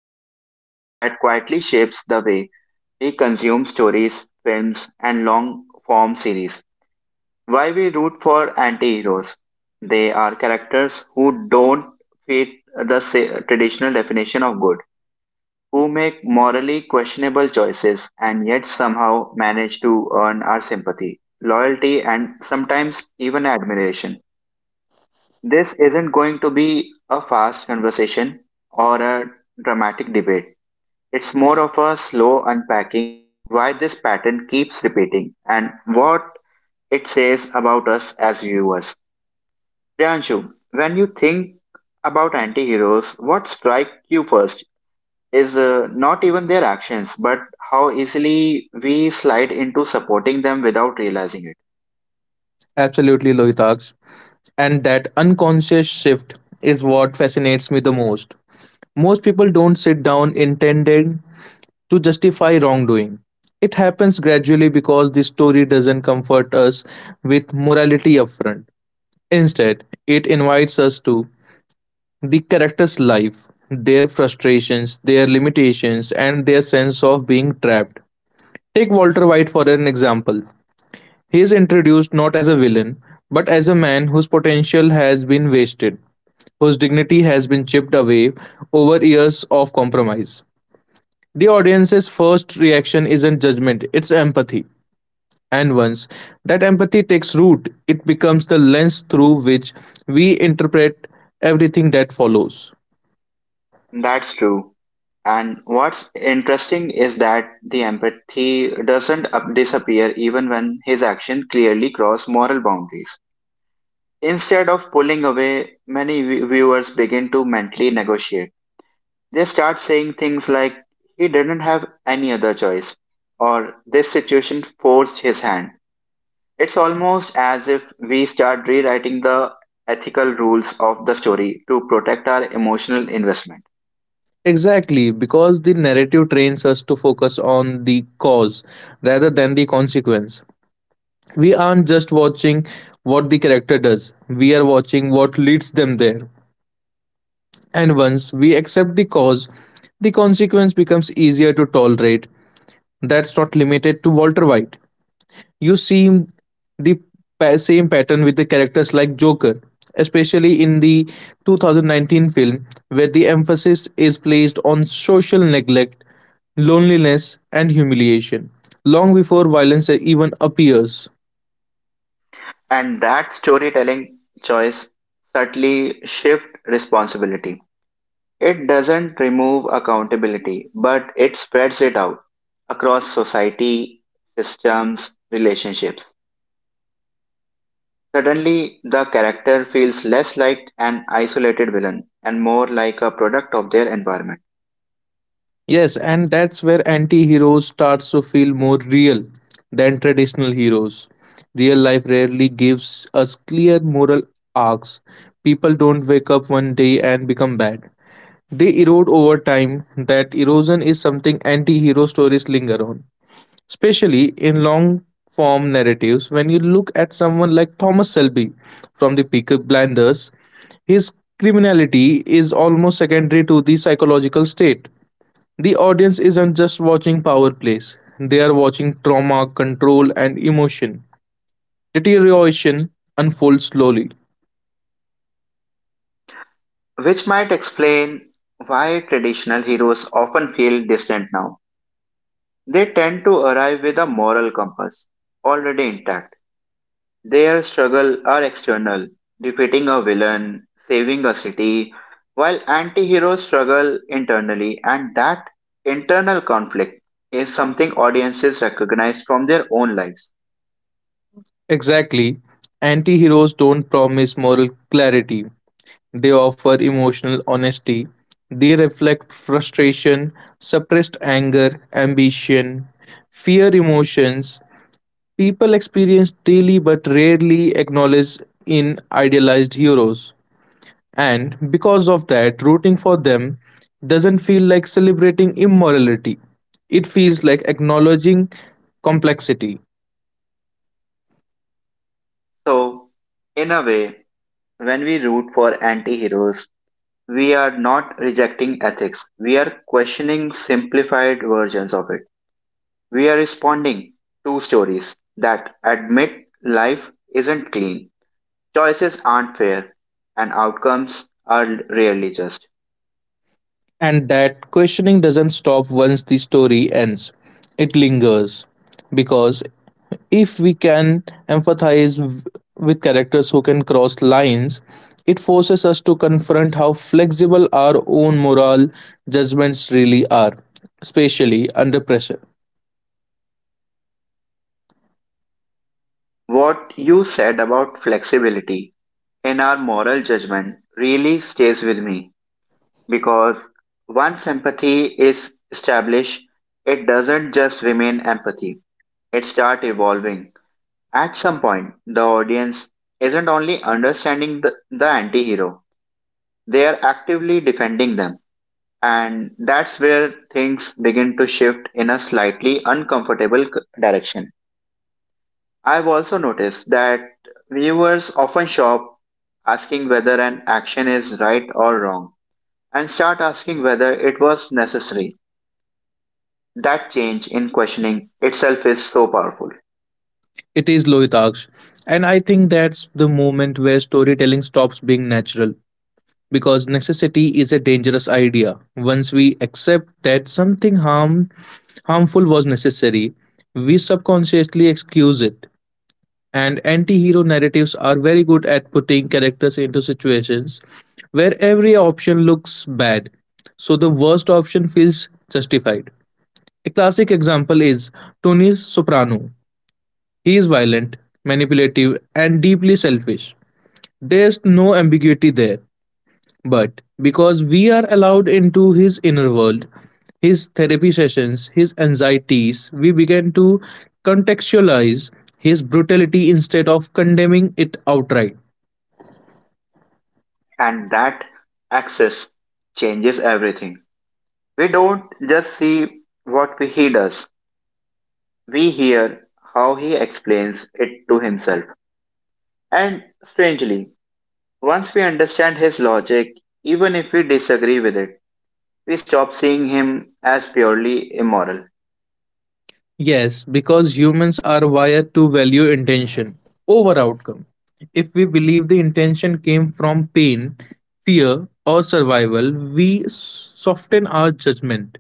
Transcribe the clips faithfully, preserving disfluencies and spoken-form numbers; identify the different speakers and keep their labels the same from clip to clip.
Speaker 1: into a topic that quietly shapes the way we consume stories, films, and long form series. Why we root for anti heroes? They are characters who don't fit the sa- traditional definition of good, who make morally questionable choices and yet somehow manage to earn our sympathy, loyalty, and sometimes even admiration. This isn't going to be a fast conversation or a dramatic debate. It's more of a slow unpacking why this pattern keeps repeating and what it says about us as viewers. Priyanshu, when you think about anti-heroes, what strikes you first is uh, not even their actions, but how easily we slide into supporting them without realizing it.
Speaker 2: Absolutely, Lohitaksh. And that unconscious shift is what fascinates me the most. Most people don't sit down intending to justify wrongdoing. It happens gradually because the story doesn't comfort us with morality upfront. Instead, it invites us to the character's life, their frustrations, their limitations, and their sense of being trapped. Take Walter White for an example. He is introduced not as a villain, but as a man whose potential has been wasted, whose dignity has been chipped away over years of compromise. The audience's first reaction isn't judgment, it's empathy. And once that empathy takes root, it becomes the lens through which we interpret everything that follows.
Speaker 1: That's true. And what's interesting is that the empathy doesn't up- disappear even when his actions clearly cross moral boundaries. Instead of pulling away, many vi- viewers begin to mentally negotiate. They start saying things like, he didn't have any other choice, or this situation forced his hand. It's almost as if we start rewriting the ethical rules of the story to protect our emotional investment.
Speaker 2: Exactly, because the narrative trains us to focus on the cause rather than the consequence. We aren't just watching what the character does, we are watching what leads them there. And once we accept the cause, the consequence becomes easier to tolerate. That's not limited to Walter White. You see the pa- same pattern with the characters like Joker, especially in the two thousand nineteen film, where the emphasis is placed on social neglect, loneliness, and humiliation, long before violence even appears.
Speaker 1: And that storytelling choice subtly shifts responsibility. It doesn't remove accountability, but it spreads it out across society, systems, relationships. Suddenly, the character feels less like an isolated villain and more like a product of their environment,
Speaker 2: Yes, and that's where anti-heroes starts to feel more real than traditional heroes. Real life rarely gives us clear moral arcs. People don't wake up one day and become bad. They erode over time. That erosion is something anti-hero stories linger on, especially in long form narratives. When you look at someone like Thomas Shelby from the Peaky Blinders, his criminality is almost secondary to the psychological state the audience isn't just watching power plays, they are watching trauma, control, and emotion. Deterioration unfold slowly.
Speaker 1: which might explain why traditional heroes often feel distant now. They tend to arrive with a moral compass already intact. Their struggle are external, defeating a villain, saving a city, while anti-heroes struggle internally, and that internal conflict is something audiences recognize from their own lives.
Speaker 2: Exactly, anti heroes don't promise moral clarity, they offer emotional honesty. They reflect frustration, suppressed anger, ambition, fear emotions people experience daily but rarely acknowledge in idealized heroes. And because of that, rooting for them doesn't feel like celebrating immorality. It feels like acknowledging complexity.
Speaker 1: So, in a way, when we root for anti-heroes, we are not rejecting ethics. We are questioning simplified versions of it. We are responding to stories that admit life isn't clean. Choices aren't fair, and outcomes are rarely just.
Speaker 2: And that questioning doesn't stop once the story ends, it lingers. Because if we can empathize w- with characters who can cross lines, it forces us to confront how flexible our own moral judgments really are, especially under pressure.
Speaker 1: What you said about flexibility in our moral judgment really stays with me because once empathy is established, it doesn't just remain empathy, it starts evolving. At some point, the audience isn't only understanding the, the anti hero, they are actively defending them. And that's where things begin to shift in a slightly uncomfortable c- direction. I've also noticed that viewers often stop asking whether an action is right or wrong and start asking whether it was necessary. That change in questioning itself is so powerful,
Speaker 2: It is Lohitaksh. And I think that's the moment where storytelling stops being natural. Because necessity is a dangerous idea. Once we accept that something harm, harmful was necessary, we subconsciously excuse it. And anti hero narratives are very good at putting characters into situations where every option looks bad, so the worst option feels justified. A classic example is Tony Soprano, he is violent, manipulative, and deeply selfish. There's no ambiguity there. But because we are allowed into his inner world, his therapy sessions, his anxieties, we began to contextualize his brutality instead of condemning it outright.
Speaker 1: and that access changes everything. We don't just see what we- he does, we hear how he explains it to himself. And strangely, once we understand his logic, even if we disagree with it, we stop seeing him as purely immoral.
Speaker 2: Yes, because humans are wired to value intention over outcome. If we believe the intention came from pain, fear, or survival, we soften our judgment.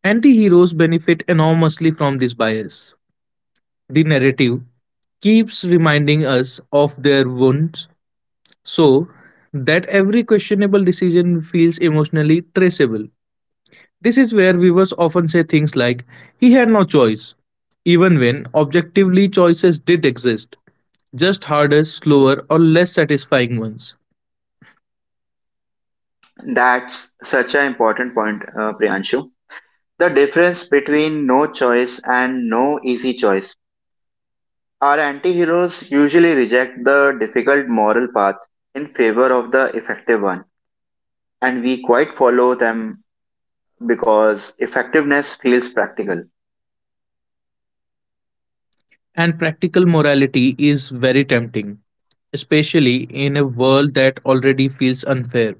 Speaker 2: Anti-heroes benefit enormously from this bias. The narrative keeps reminding us of their wounds so that every questionable decision feels emotionally traceable. This is where viewers often say things like, he had no choice, even when objectively choices did exist, just harder, slower, or less satisfying ones.
Speaker 1: That's such an important point, uh, Priyanshu. The difference between no choice and no easy choice. Our anti heroes usually reject the difficult moral path in favor of the effective one, and we quite follow them because effectiveness feels practical.
Speaker 2: And practical morality is very tempting, especially in a world that already feels unfair.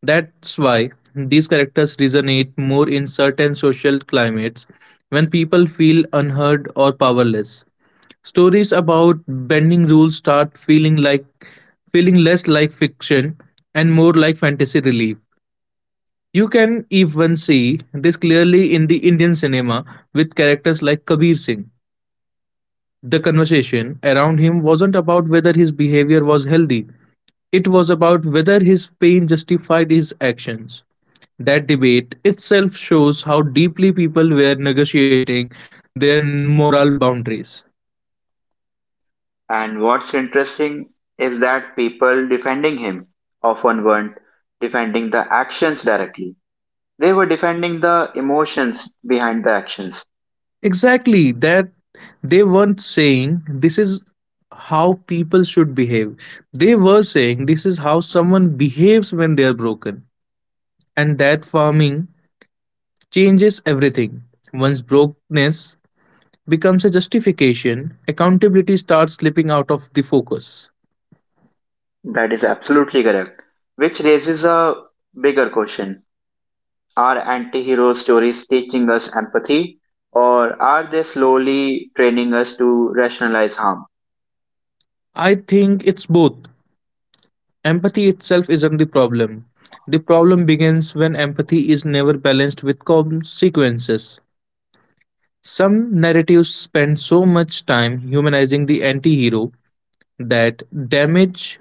Speaker 2: That's why these characters resonate more in certain social climates when people feel unheard or powerless. Stories about bending rules start feeling like feeling less like fiction and more like fantasy relief. You can even see this clearly in the Indian cinema with characters like Kabir Singh the conversation around him wasn't about whether his behavior was healthy, it was about whether his pain justified his actions. That debate itself shows how deeply people were negotiating their moral boundaries.
Speaker 1: And what's interesting is that people defending him often weren't defending the actions directly. They were defending the emotions behind the actions.
Speaker 2: Exactly, that they weren't saying this is how people should behave. They were saying this is how someone behaves when they are broken. And that farming changes everything. One's brokenness becomes a justification, accountability starts slipping out of the focus.
Speaker 1: That is absolutely correct. Which raises a bigger question. Are anti hero stories teaching us empathy, or are they slowly training us to rationalize harm?
Speaker 2: I think it's both. Empathy itself isn't the problem. The problem begins when empathy is never balanced with consequences. Some narratives spend so much time humanizing the anti hero that damage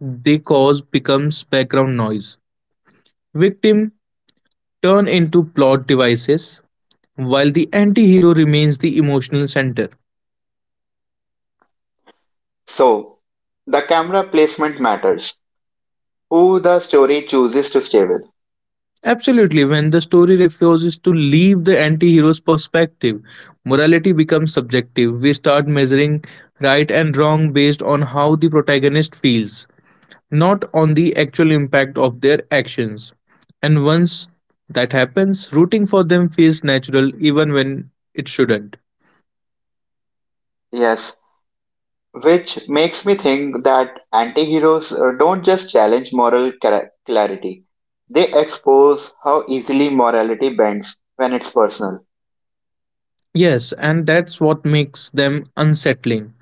Speaker 2: they cause becomes background noise. Victim turn into plot devices, while the anti hero remains the emotional center.
Speaker 1: So, the camera placement matters. Who the story chooses to stay with.
Speaker 2: Absolutely, when the story refuses to leave the anti hero's perspective, morality becomes subjective. We start measuring right and wrong based on how the protagonist feels, not on the actual impact of their actions. And once that happens, rooting for them feels natural even when it shouldn't.
Speaker 1: Yes, which makes me think that anti-heroes uh, don't just challenge moral cla- clarity, they expose how easily morality bends when it's personal.
Speaker 2: Yes, and that's what makes them unsettling.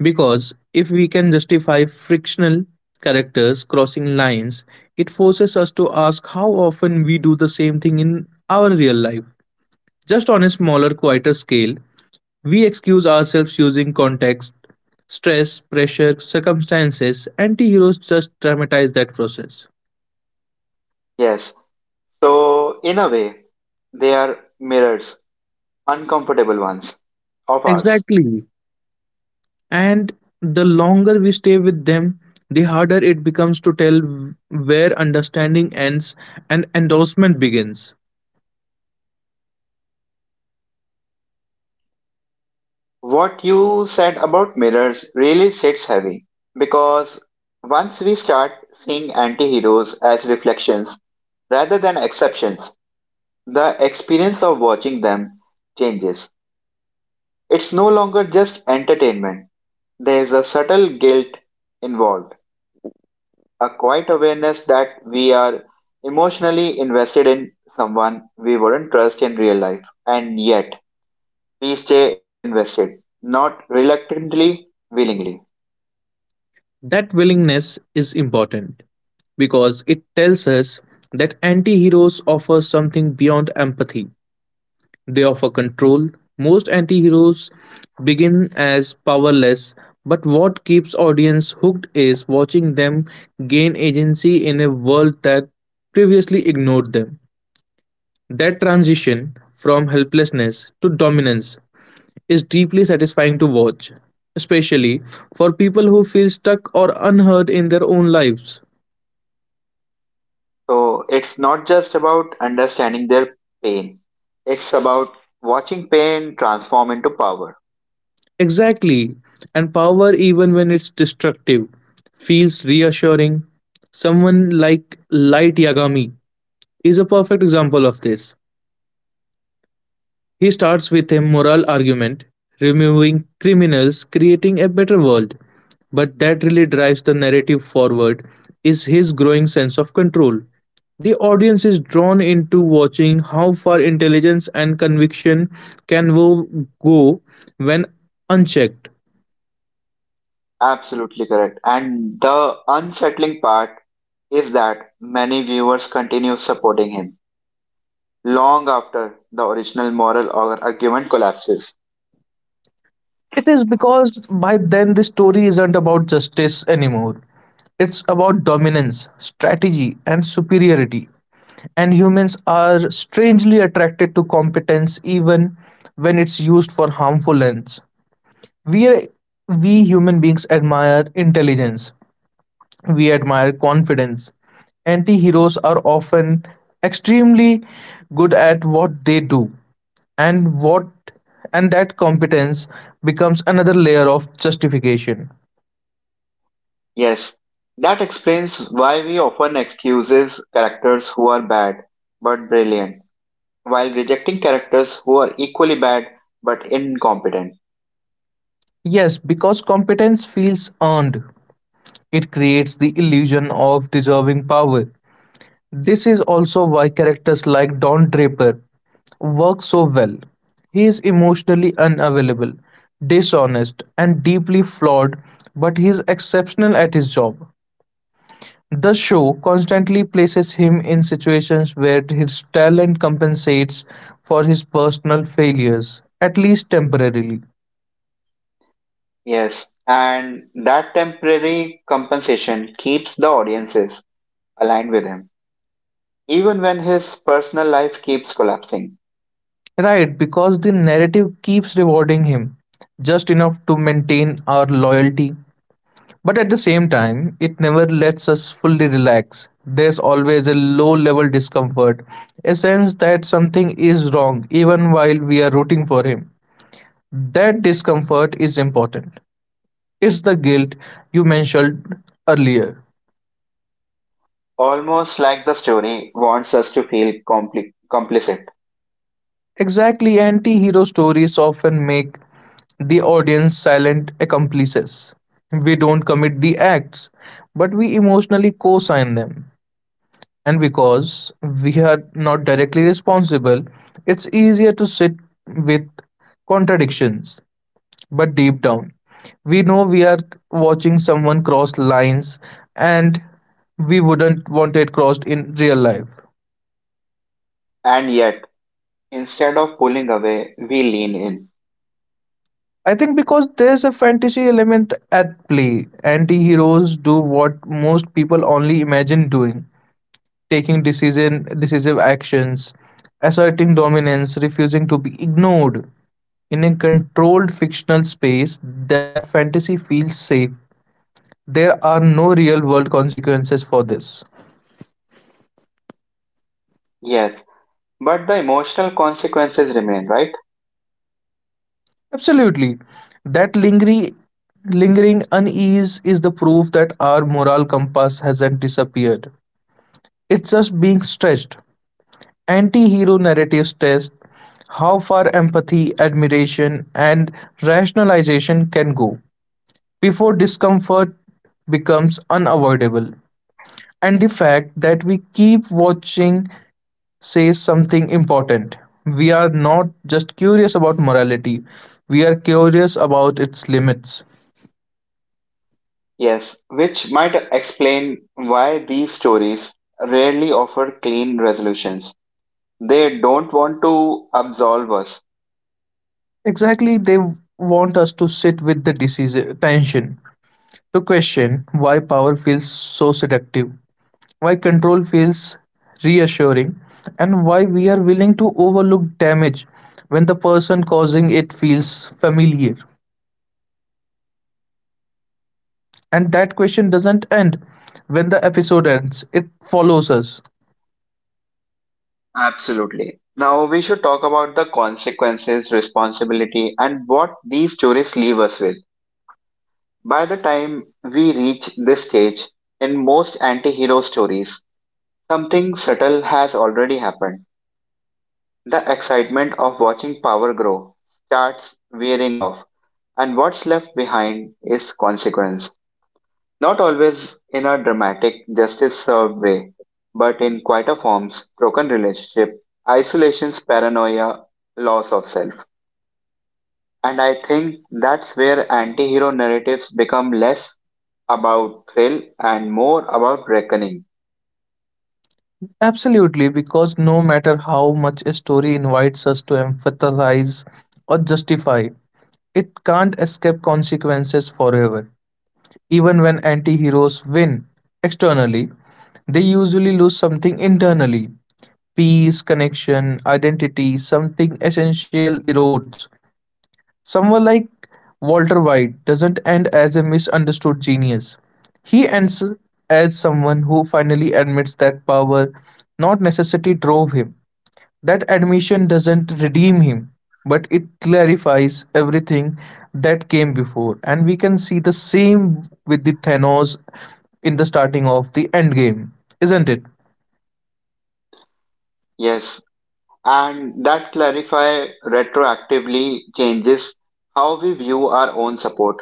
Speaker 2: Because if we can justify frictional characters crossing lines, it forces us to ask how often we do the same thing in our real life. Just on a smaller, quieter scale, we excuse ourselves using context, stress, pressure, circumstances. Anti heroes just dramatize that process.
Speaker 1: Yes, so in a way they are mirrors, uncomfortable ones, of ours.
Speaker 2: Exactly. And the longer we stay with them, the harder it becomes to tell where understanding ends and endorsement begins.
Speaker 1: What you said about mirrors really sits heavy because once we start seeing anti-heroes as reflections rather than exceptions, the experience of watching them changes. It's no longer just entertainment. There's a subtle guilt involved, a quiet awareness that we are emotionally invested in someone we wouldn't trust in real life, and yet we stay invested, not reluctantly, willingly.
Speaker 2: That willingness is important because it tells us that anti heroes offer something beyond empathy. They offer control. Most anti heroes begin as powerless, but what keeps audience hooked is watching them gain agency in a world that previously ignored them. That transition from helplessness to dominance is deeply satisfying to watch, especially for people who feel stuck or unheard in their own lives.
Speaker 1: So it's not just about understanding their pain, it's about watching pain transform into power.
Speaker 2: Exactly, and power, even when it's destructive, feels reassuring. Someone like Light Yagami is a perfect example of this. He starts with a moral argument removing criminals, creating a better world. But that really drives the narrative forward is his growing sense of control. The audience is drawn into watching how far intelligence and conviction can go when unchecked.
Speaker 1: Absolutely correct. And the unsettling part is that many viewers continue supporting him long after the original moral or argument collapses.
Speaker 2: It is because by then the story isn't about justice anymore. It's about dominance, strategy, and superiority. And humans are strangely attracted to competence even when it's used for harmful ends. We, are, we human beings admire intelligence, we admire confidence. Anti heroes are often extremely good at what they do and what and that competence becomes another layer of justification.
Speaker 1: Yes, that explains why we often excuses characters who are bad but brilliant, while rejecting characters who are equally bad but incompetent.
Speaker 2: Yes, because competence feels earned. It creates the illusion of deserving power. This is also why characters like Don Draper work so well. He is emotionally unavailable, dishonest, and deeply flawed, but he is exceptional at his job. The show constantly places him in situations where his talent compensates for his personal failures, at least temporarily.
Speaker 1: Yes, and that temporary compensation keeps the audiences aligned with him, even when his personal life keeps collapsing.
Speaker 2: Right, because the narrative keeps rewarding him just enough to maintain our loyalty. But at the same time, it never lets us fully relax. There's always a low level discomfort, a sense that something is wrong even while we are rooting for him. That discomfort is important. It's the guilt you mentioned earlier.
Speaker 1: Almost like the story wants us to feel compli- complicit,
Speaker 2: Exactly, anti hero stories often make the audience silent accomplices. We don't commit the acts, but we emotionally co sign them. And because we are not directly responsible, it's easier to sit with contradictions. But deep down, we know we are watching someone cross lines and we wouldn't want it crossed in real life.
Speaker 1: and yet, instead of pulling away, we lean in.
Speaker 2: I think because there's a fantasy element at play. Anti-heroes do what most people only imagine doing, taking decision decisive actions, asserting dominance, refusing to be ignored. In a controlled fictional space, that fantasy feels safe. There are no real-world consequences for this.
Speaker 1: Yes, but the emotional consequences remain, right?
Speaker 2: Absolutely. That lingering lingering unease is the proof that our moral compass hasn't disappeared. It's just being stretched. Anti-hero narratives test how far empathy, admiration, and rationalization can go before discomfort becomes unavoidable. And the fact that we keep watching says something important. We are not just curious about morality, we are curious about its limits.
Speaker 1: Yes, which might explain why these stories rarely offer clean resolutions. They don't want to absolve us.
Speaker 2: Exactly, they want us to sit with the disease tension, to question why power feels so seductive, why control feels reassuring, and why we are willing to overlook damage when the person causing it feels familiar. And that question doesn't end when the episode ends, it follows us.
Speaker 1: Absolutely. Now we should talk about the consequences, responsibility, and what these stories leave us with. By the time we reach this stage, in most anti hero stories, something subtle has already happened. The excitement of watching power grow starts wearing off, and what's left behind is consequence. Not always in a dramatic, justice served way, but in quieter forms, broken relationship, isolations, paranoia, loss of self. And I think that's where anti hero narratives become less about thrill and more about reckoning.
Speaker 2: Absolutely, because no matter how much a story invites us to empathize or justify, it can't escape consequences forever. Even when anti heroes win externally, they usually lose something internally. Peace, connection, identity, something essential erodes. Someone like Walter White doesn't end as a misunderstood genius. He ends as someone who finally admits that power, not necessity, drove him. That admission doesn't redeem him, but it clarifies everything that came before. And we can see the same with the Thanos in the starting of the Endgame, isn't it?
Speaker 1: Yes, and that clarify retroactively changes how we view our own support.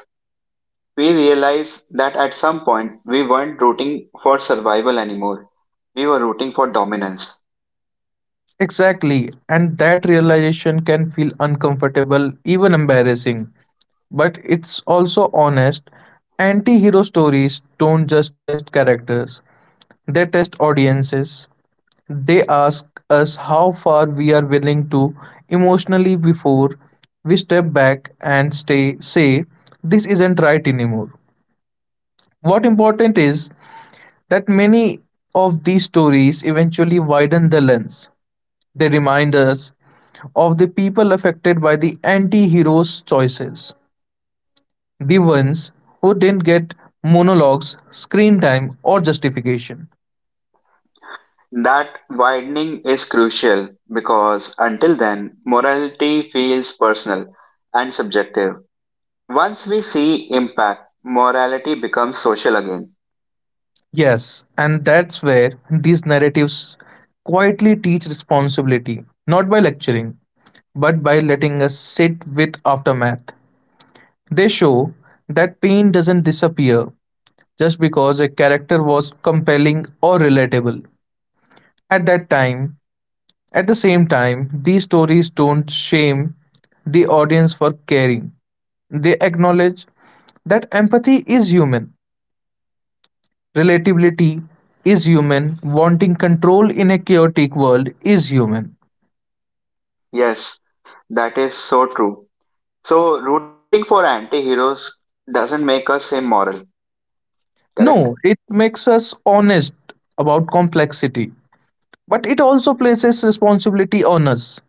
Speaker 1: We realize that at some point we weren't rooting for survival anymore. We were rooting for dominance.
Speaker 2: Exactly, and that realization can feel uncomfortable, even embarrassing, but it's also honest. Anti hero stories don't just test characters, they test audiences. They ask us how far we are willing to emotionally before we step back and stay, say, this isn't right anymore. What important is that many of these stories eventually widen the lens. They remind us of the people affected by the anti hero's choices, the ones who didn't get monologues, screen time, or justification.
Speaker 1: That widening is crucial because until then, morality feels personal and subjective. Once we see impact, morality becomes social again.
Speaker 2: Yes, and that's where these narratives quietly teach responsibility, not by lecturing, but by letting us sit with aftermath. They show that pain doesn't disappear just because a character was compelling or relatable. At that time, At the same time, these stories don't shame the audience for caring. They acknowledge that empathy is human, relatability is human, wanting control in a chaotic world is human.
Speaker 1: Yes, that is so true. So, rooting for anti heroes doesn't make us immoral, correct?
Speaker 2: No, it makes us honest about complexity, but it also places responsibility on us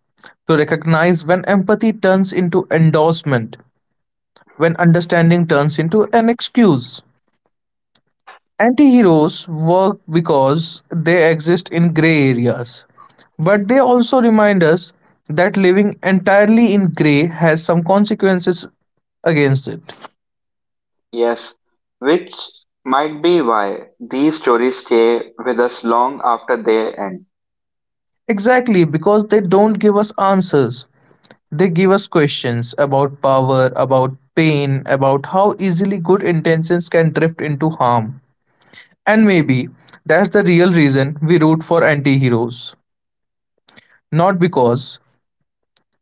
Speaker 2: to recognize when empathy turns into endorsement, when understanding turns into an excuse. Anti-heroes work because they exist in gray areas, but they also remind us that living entirely in gray has some consequences against it.
Speaker 1: Yes. Which might be why these stories stay with us long after they end.
Speaker 2: Exactly, because they don't give us answers. They give us questions about power, about pain, about how easily good intentions can drift into harm. And maybe that's the real reason we root for anti heroes. Not because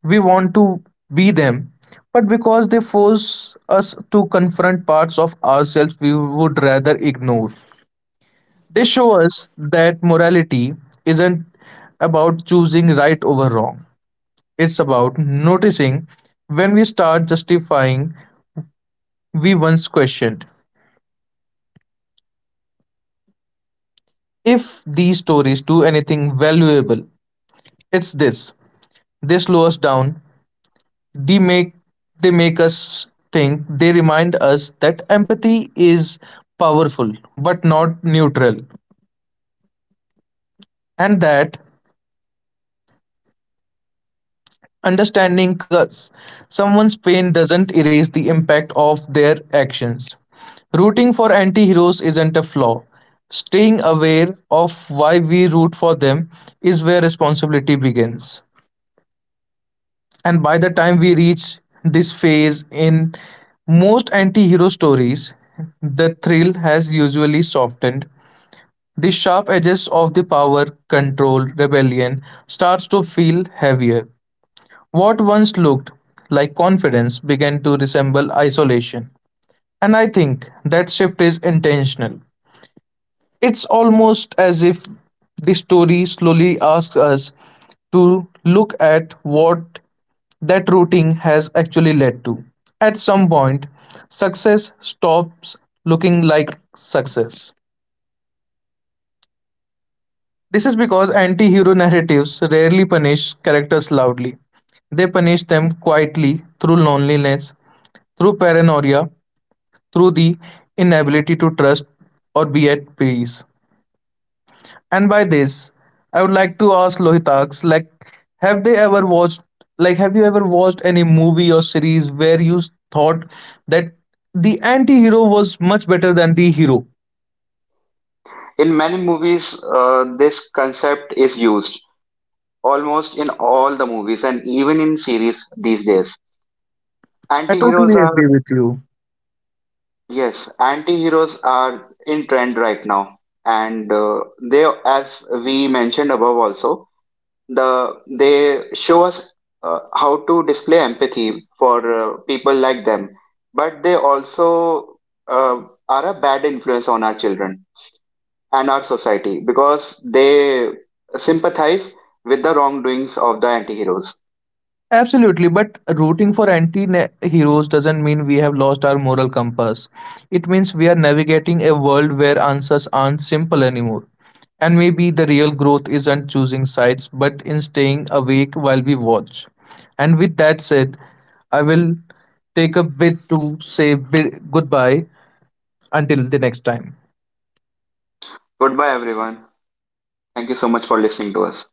Speaker 2: we want to be them, but because they force us to confront parts of ourselves we would rather ignore. They show us that morality isn't about choosing right over wrong, it's about noticing when we start justifying we once questioned. If these stories do anything valuable, it's this. They slow us down. they make they make us think. They remind us that empathy is powerful but not neutral, and that understanding cause someone's pain doesn't erase the impact of their actions. Rooting for anti-heroes isn't a flaw. Staying aware of why we root for them is where responsibility begins. And by the time we reach this phase in most anti-hero stories, the thrill has usually softened. The sharp edges of the power, control, rebellion starts to feel heavier. What once looked like confidence began to resemble isolation, and I think that shift is intentional. It's almost as if the story slowly asks us to look at what that routine has actually led to. At some point, success stops looking like success. This is because anti hero narratives rarely punish characters loudly. They punish them quietly through loneliness, through paranoia, through the inability to trust or be at peace. And by this, I would like to ask Lohitaks, like, have they ever watched, like, have you ever watched any movie or series where you thought that the anti-hero was much better than the hero?
Speaker 1: In many movies, uh, this concept is used almost in all the movies and even in series these days.
Speaker 2: I
Speaker 1: Anti heroes
Speaker 2: totally
Speaker 1: are,
Speaker 2: agree with you.
Speaker 1: yes, anti heroes are in trend right now. And uh, they, as we mentioned above, also the they show us uh, how to display empathy for uh, people like them, but they also uh, are a bad influence on our children and our society because they sympathize with the wrongdoings of the anti-heroes.
Speaker 2: Absolutely, but rooting for anti heroes doesn't mean we have lost our moral compass. It means we are navigating a world where answers aren't simple anymore. And maybe the real growth isn't choosing sides but in staying awake while we watch. And with that said, I will take a bit to say bi- goodbye until the next time.
Speaker 1: Goodbye everyone. Thank you so much for listening to us.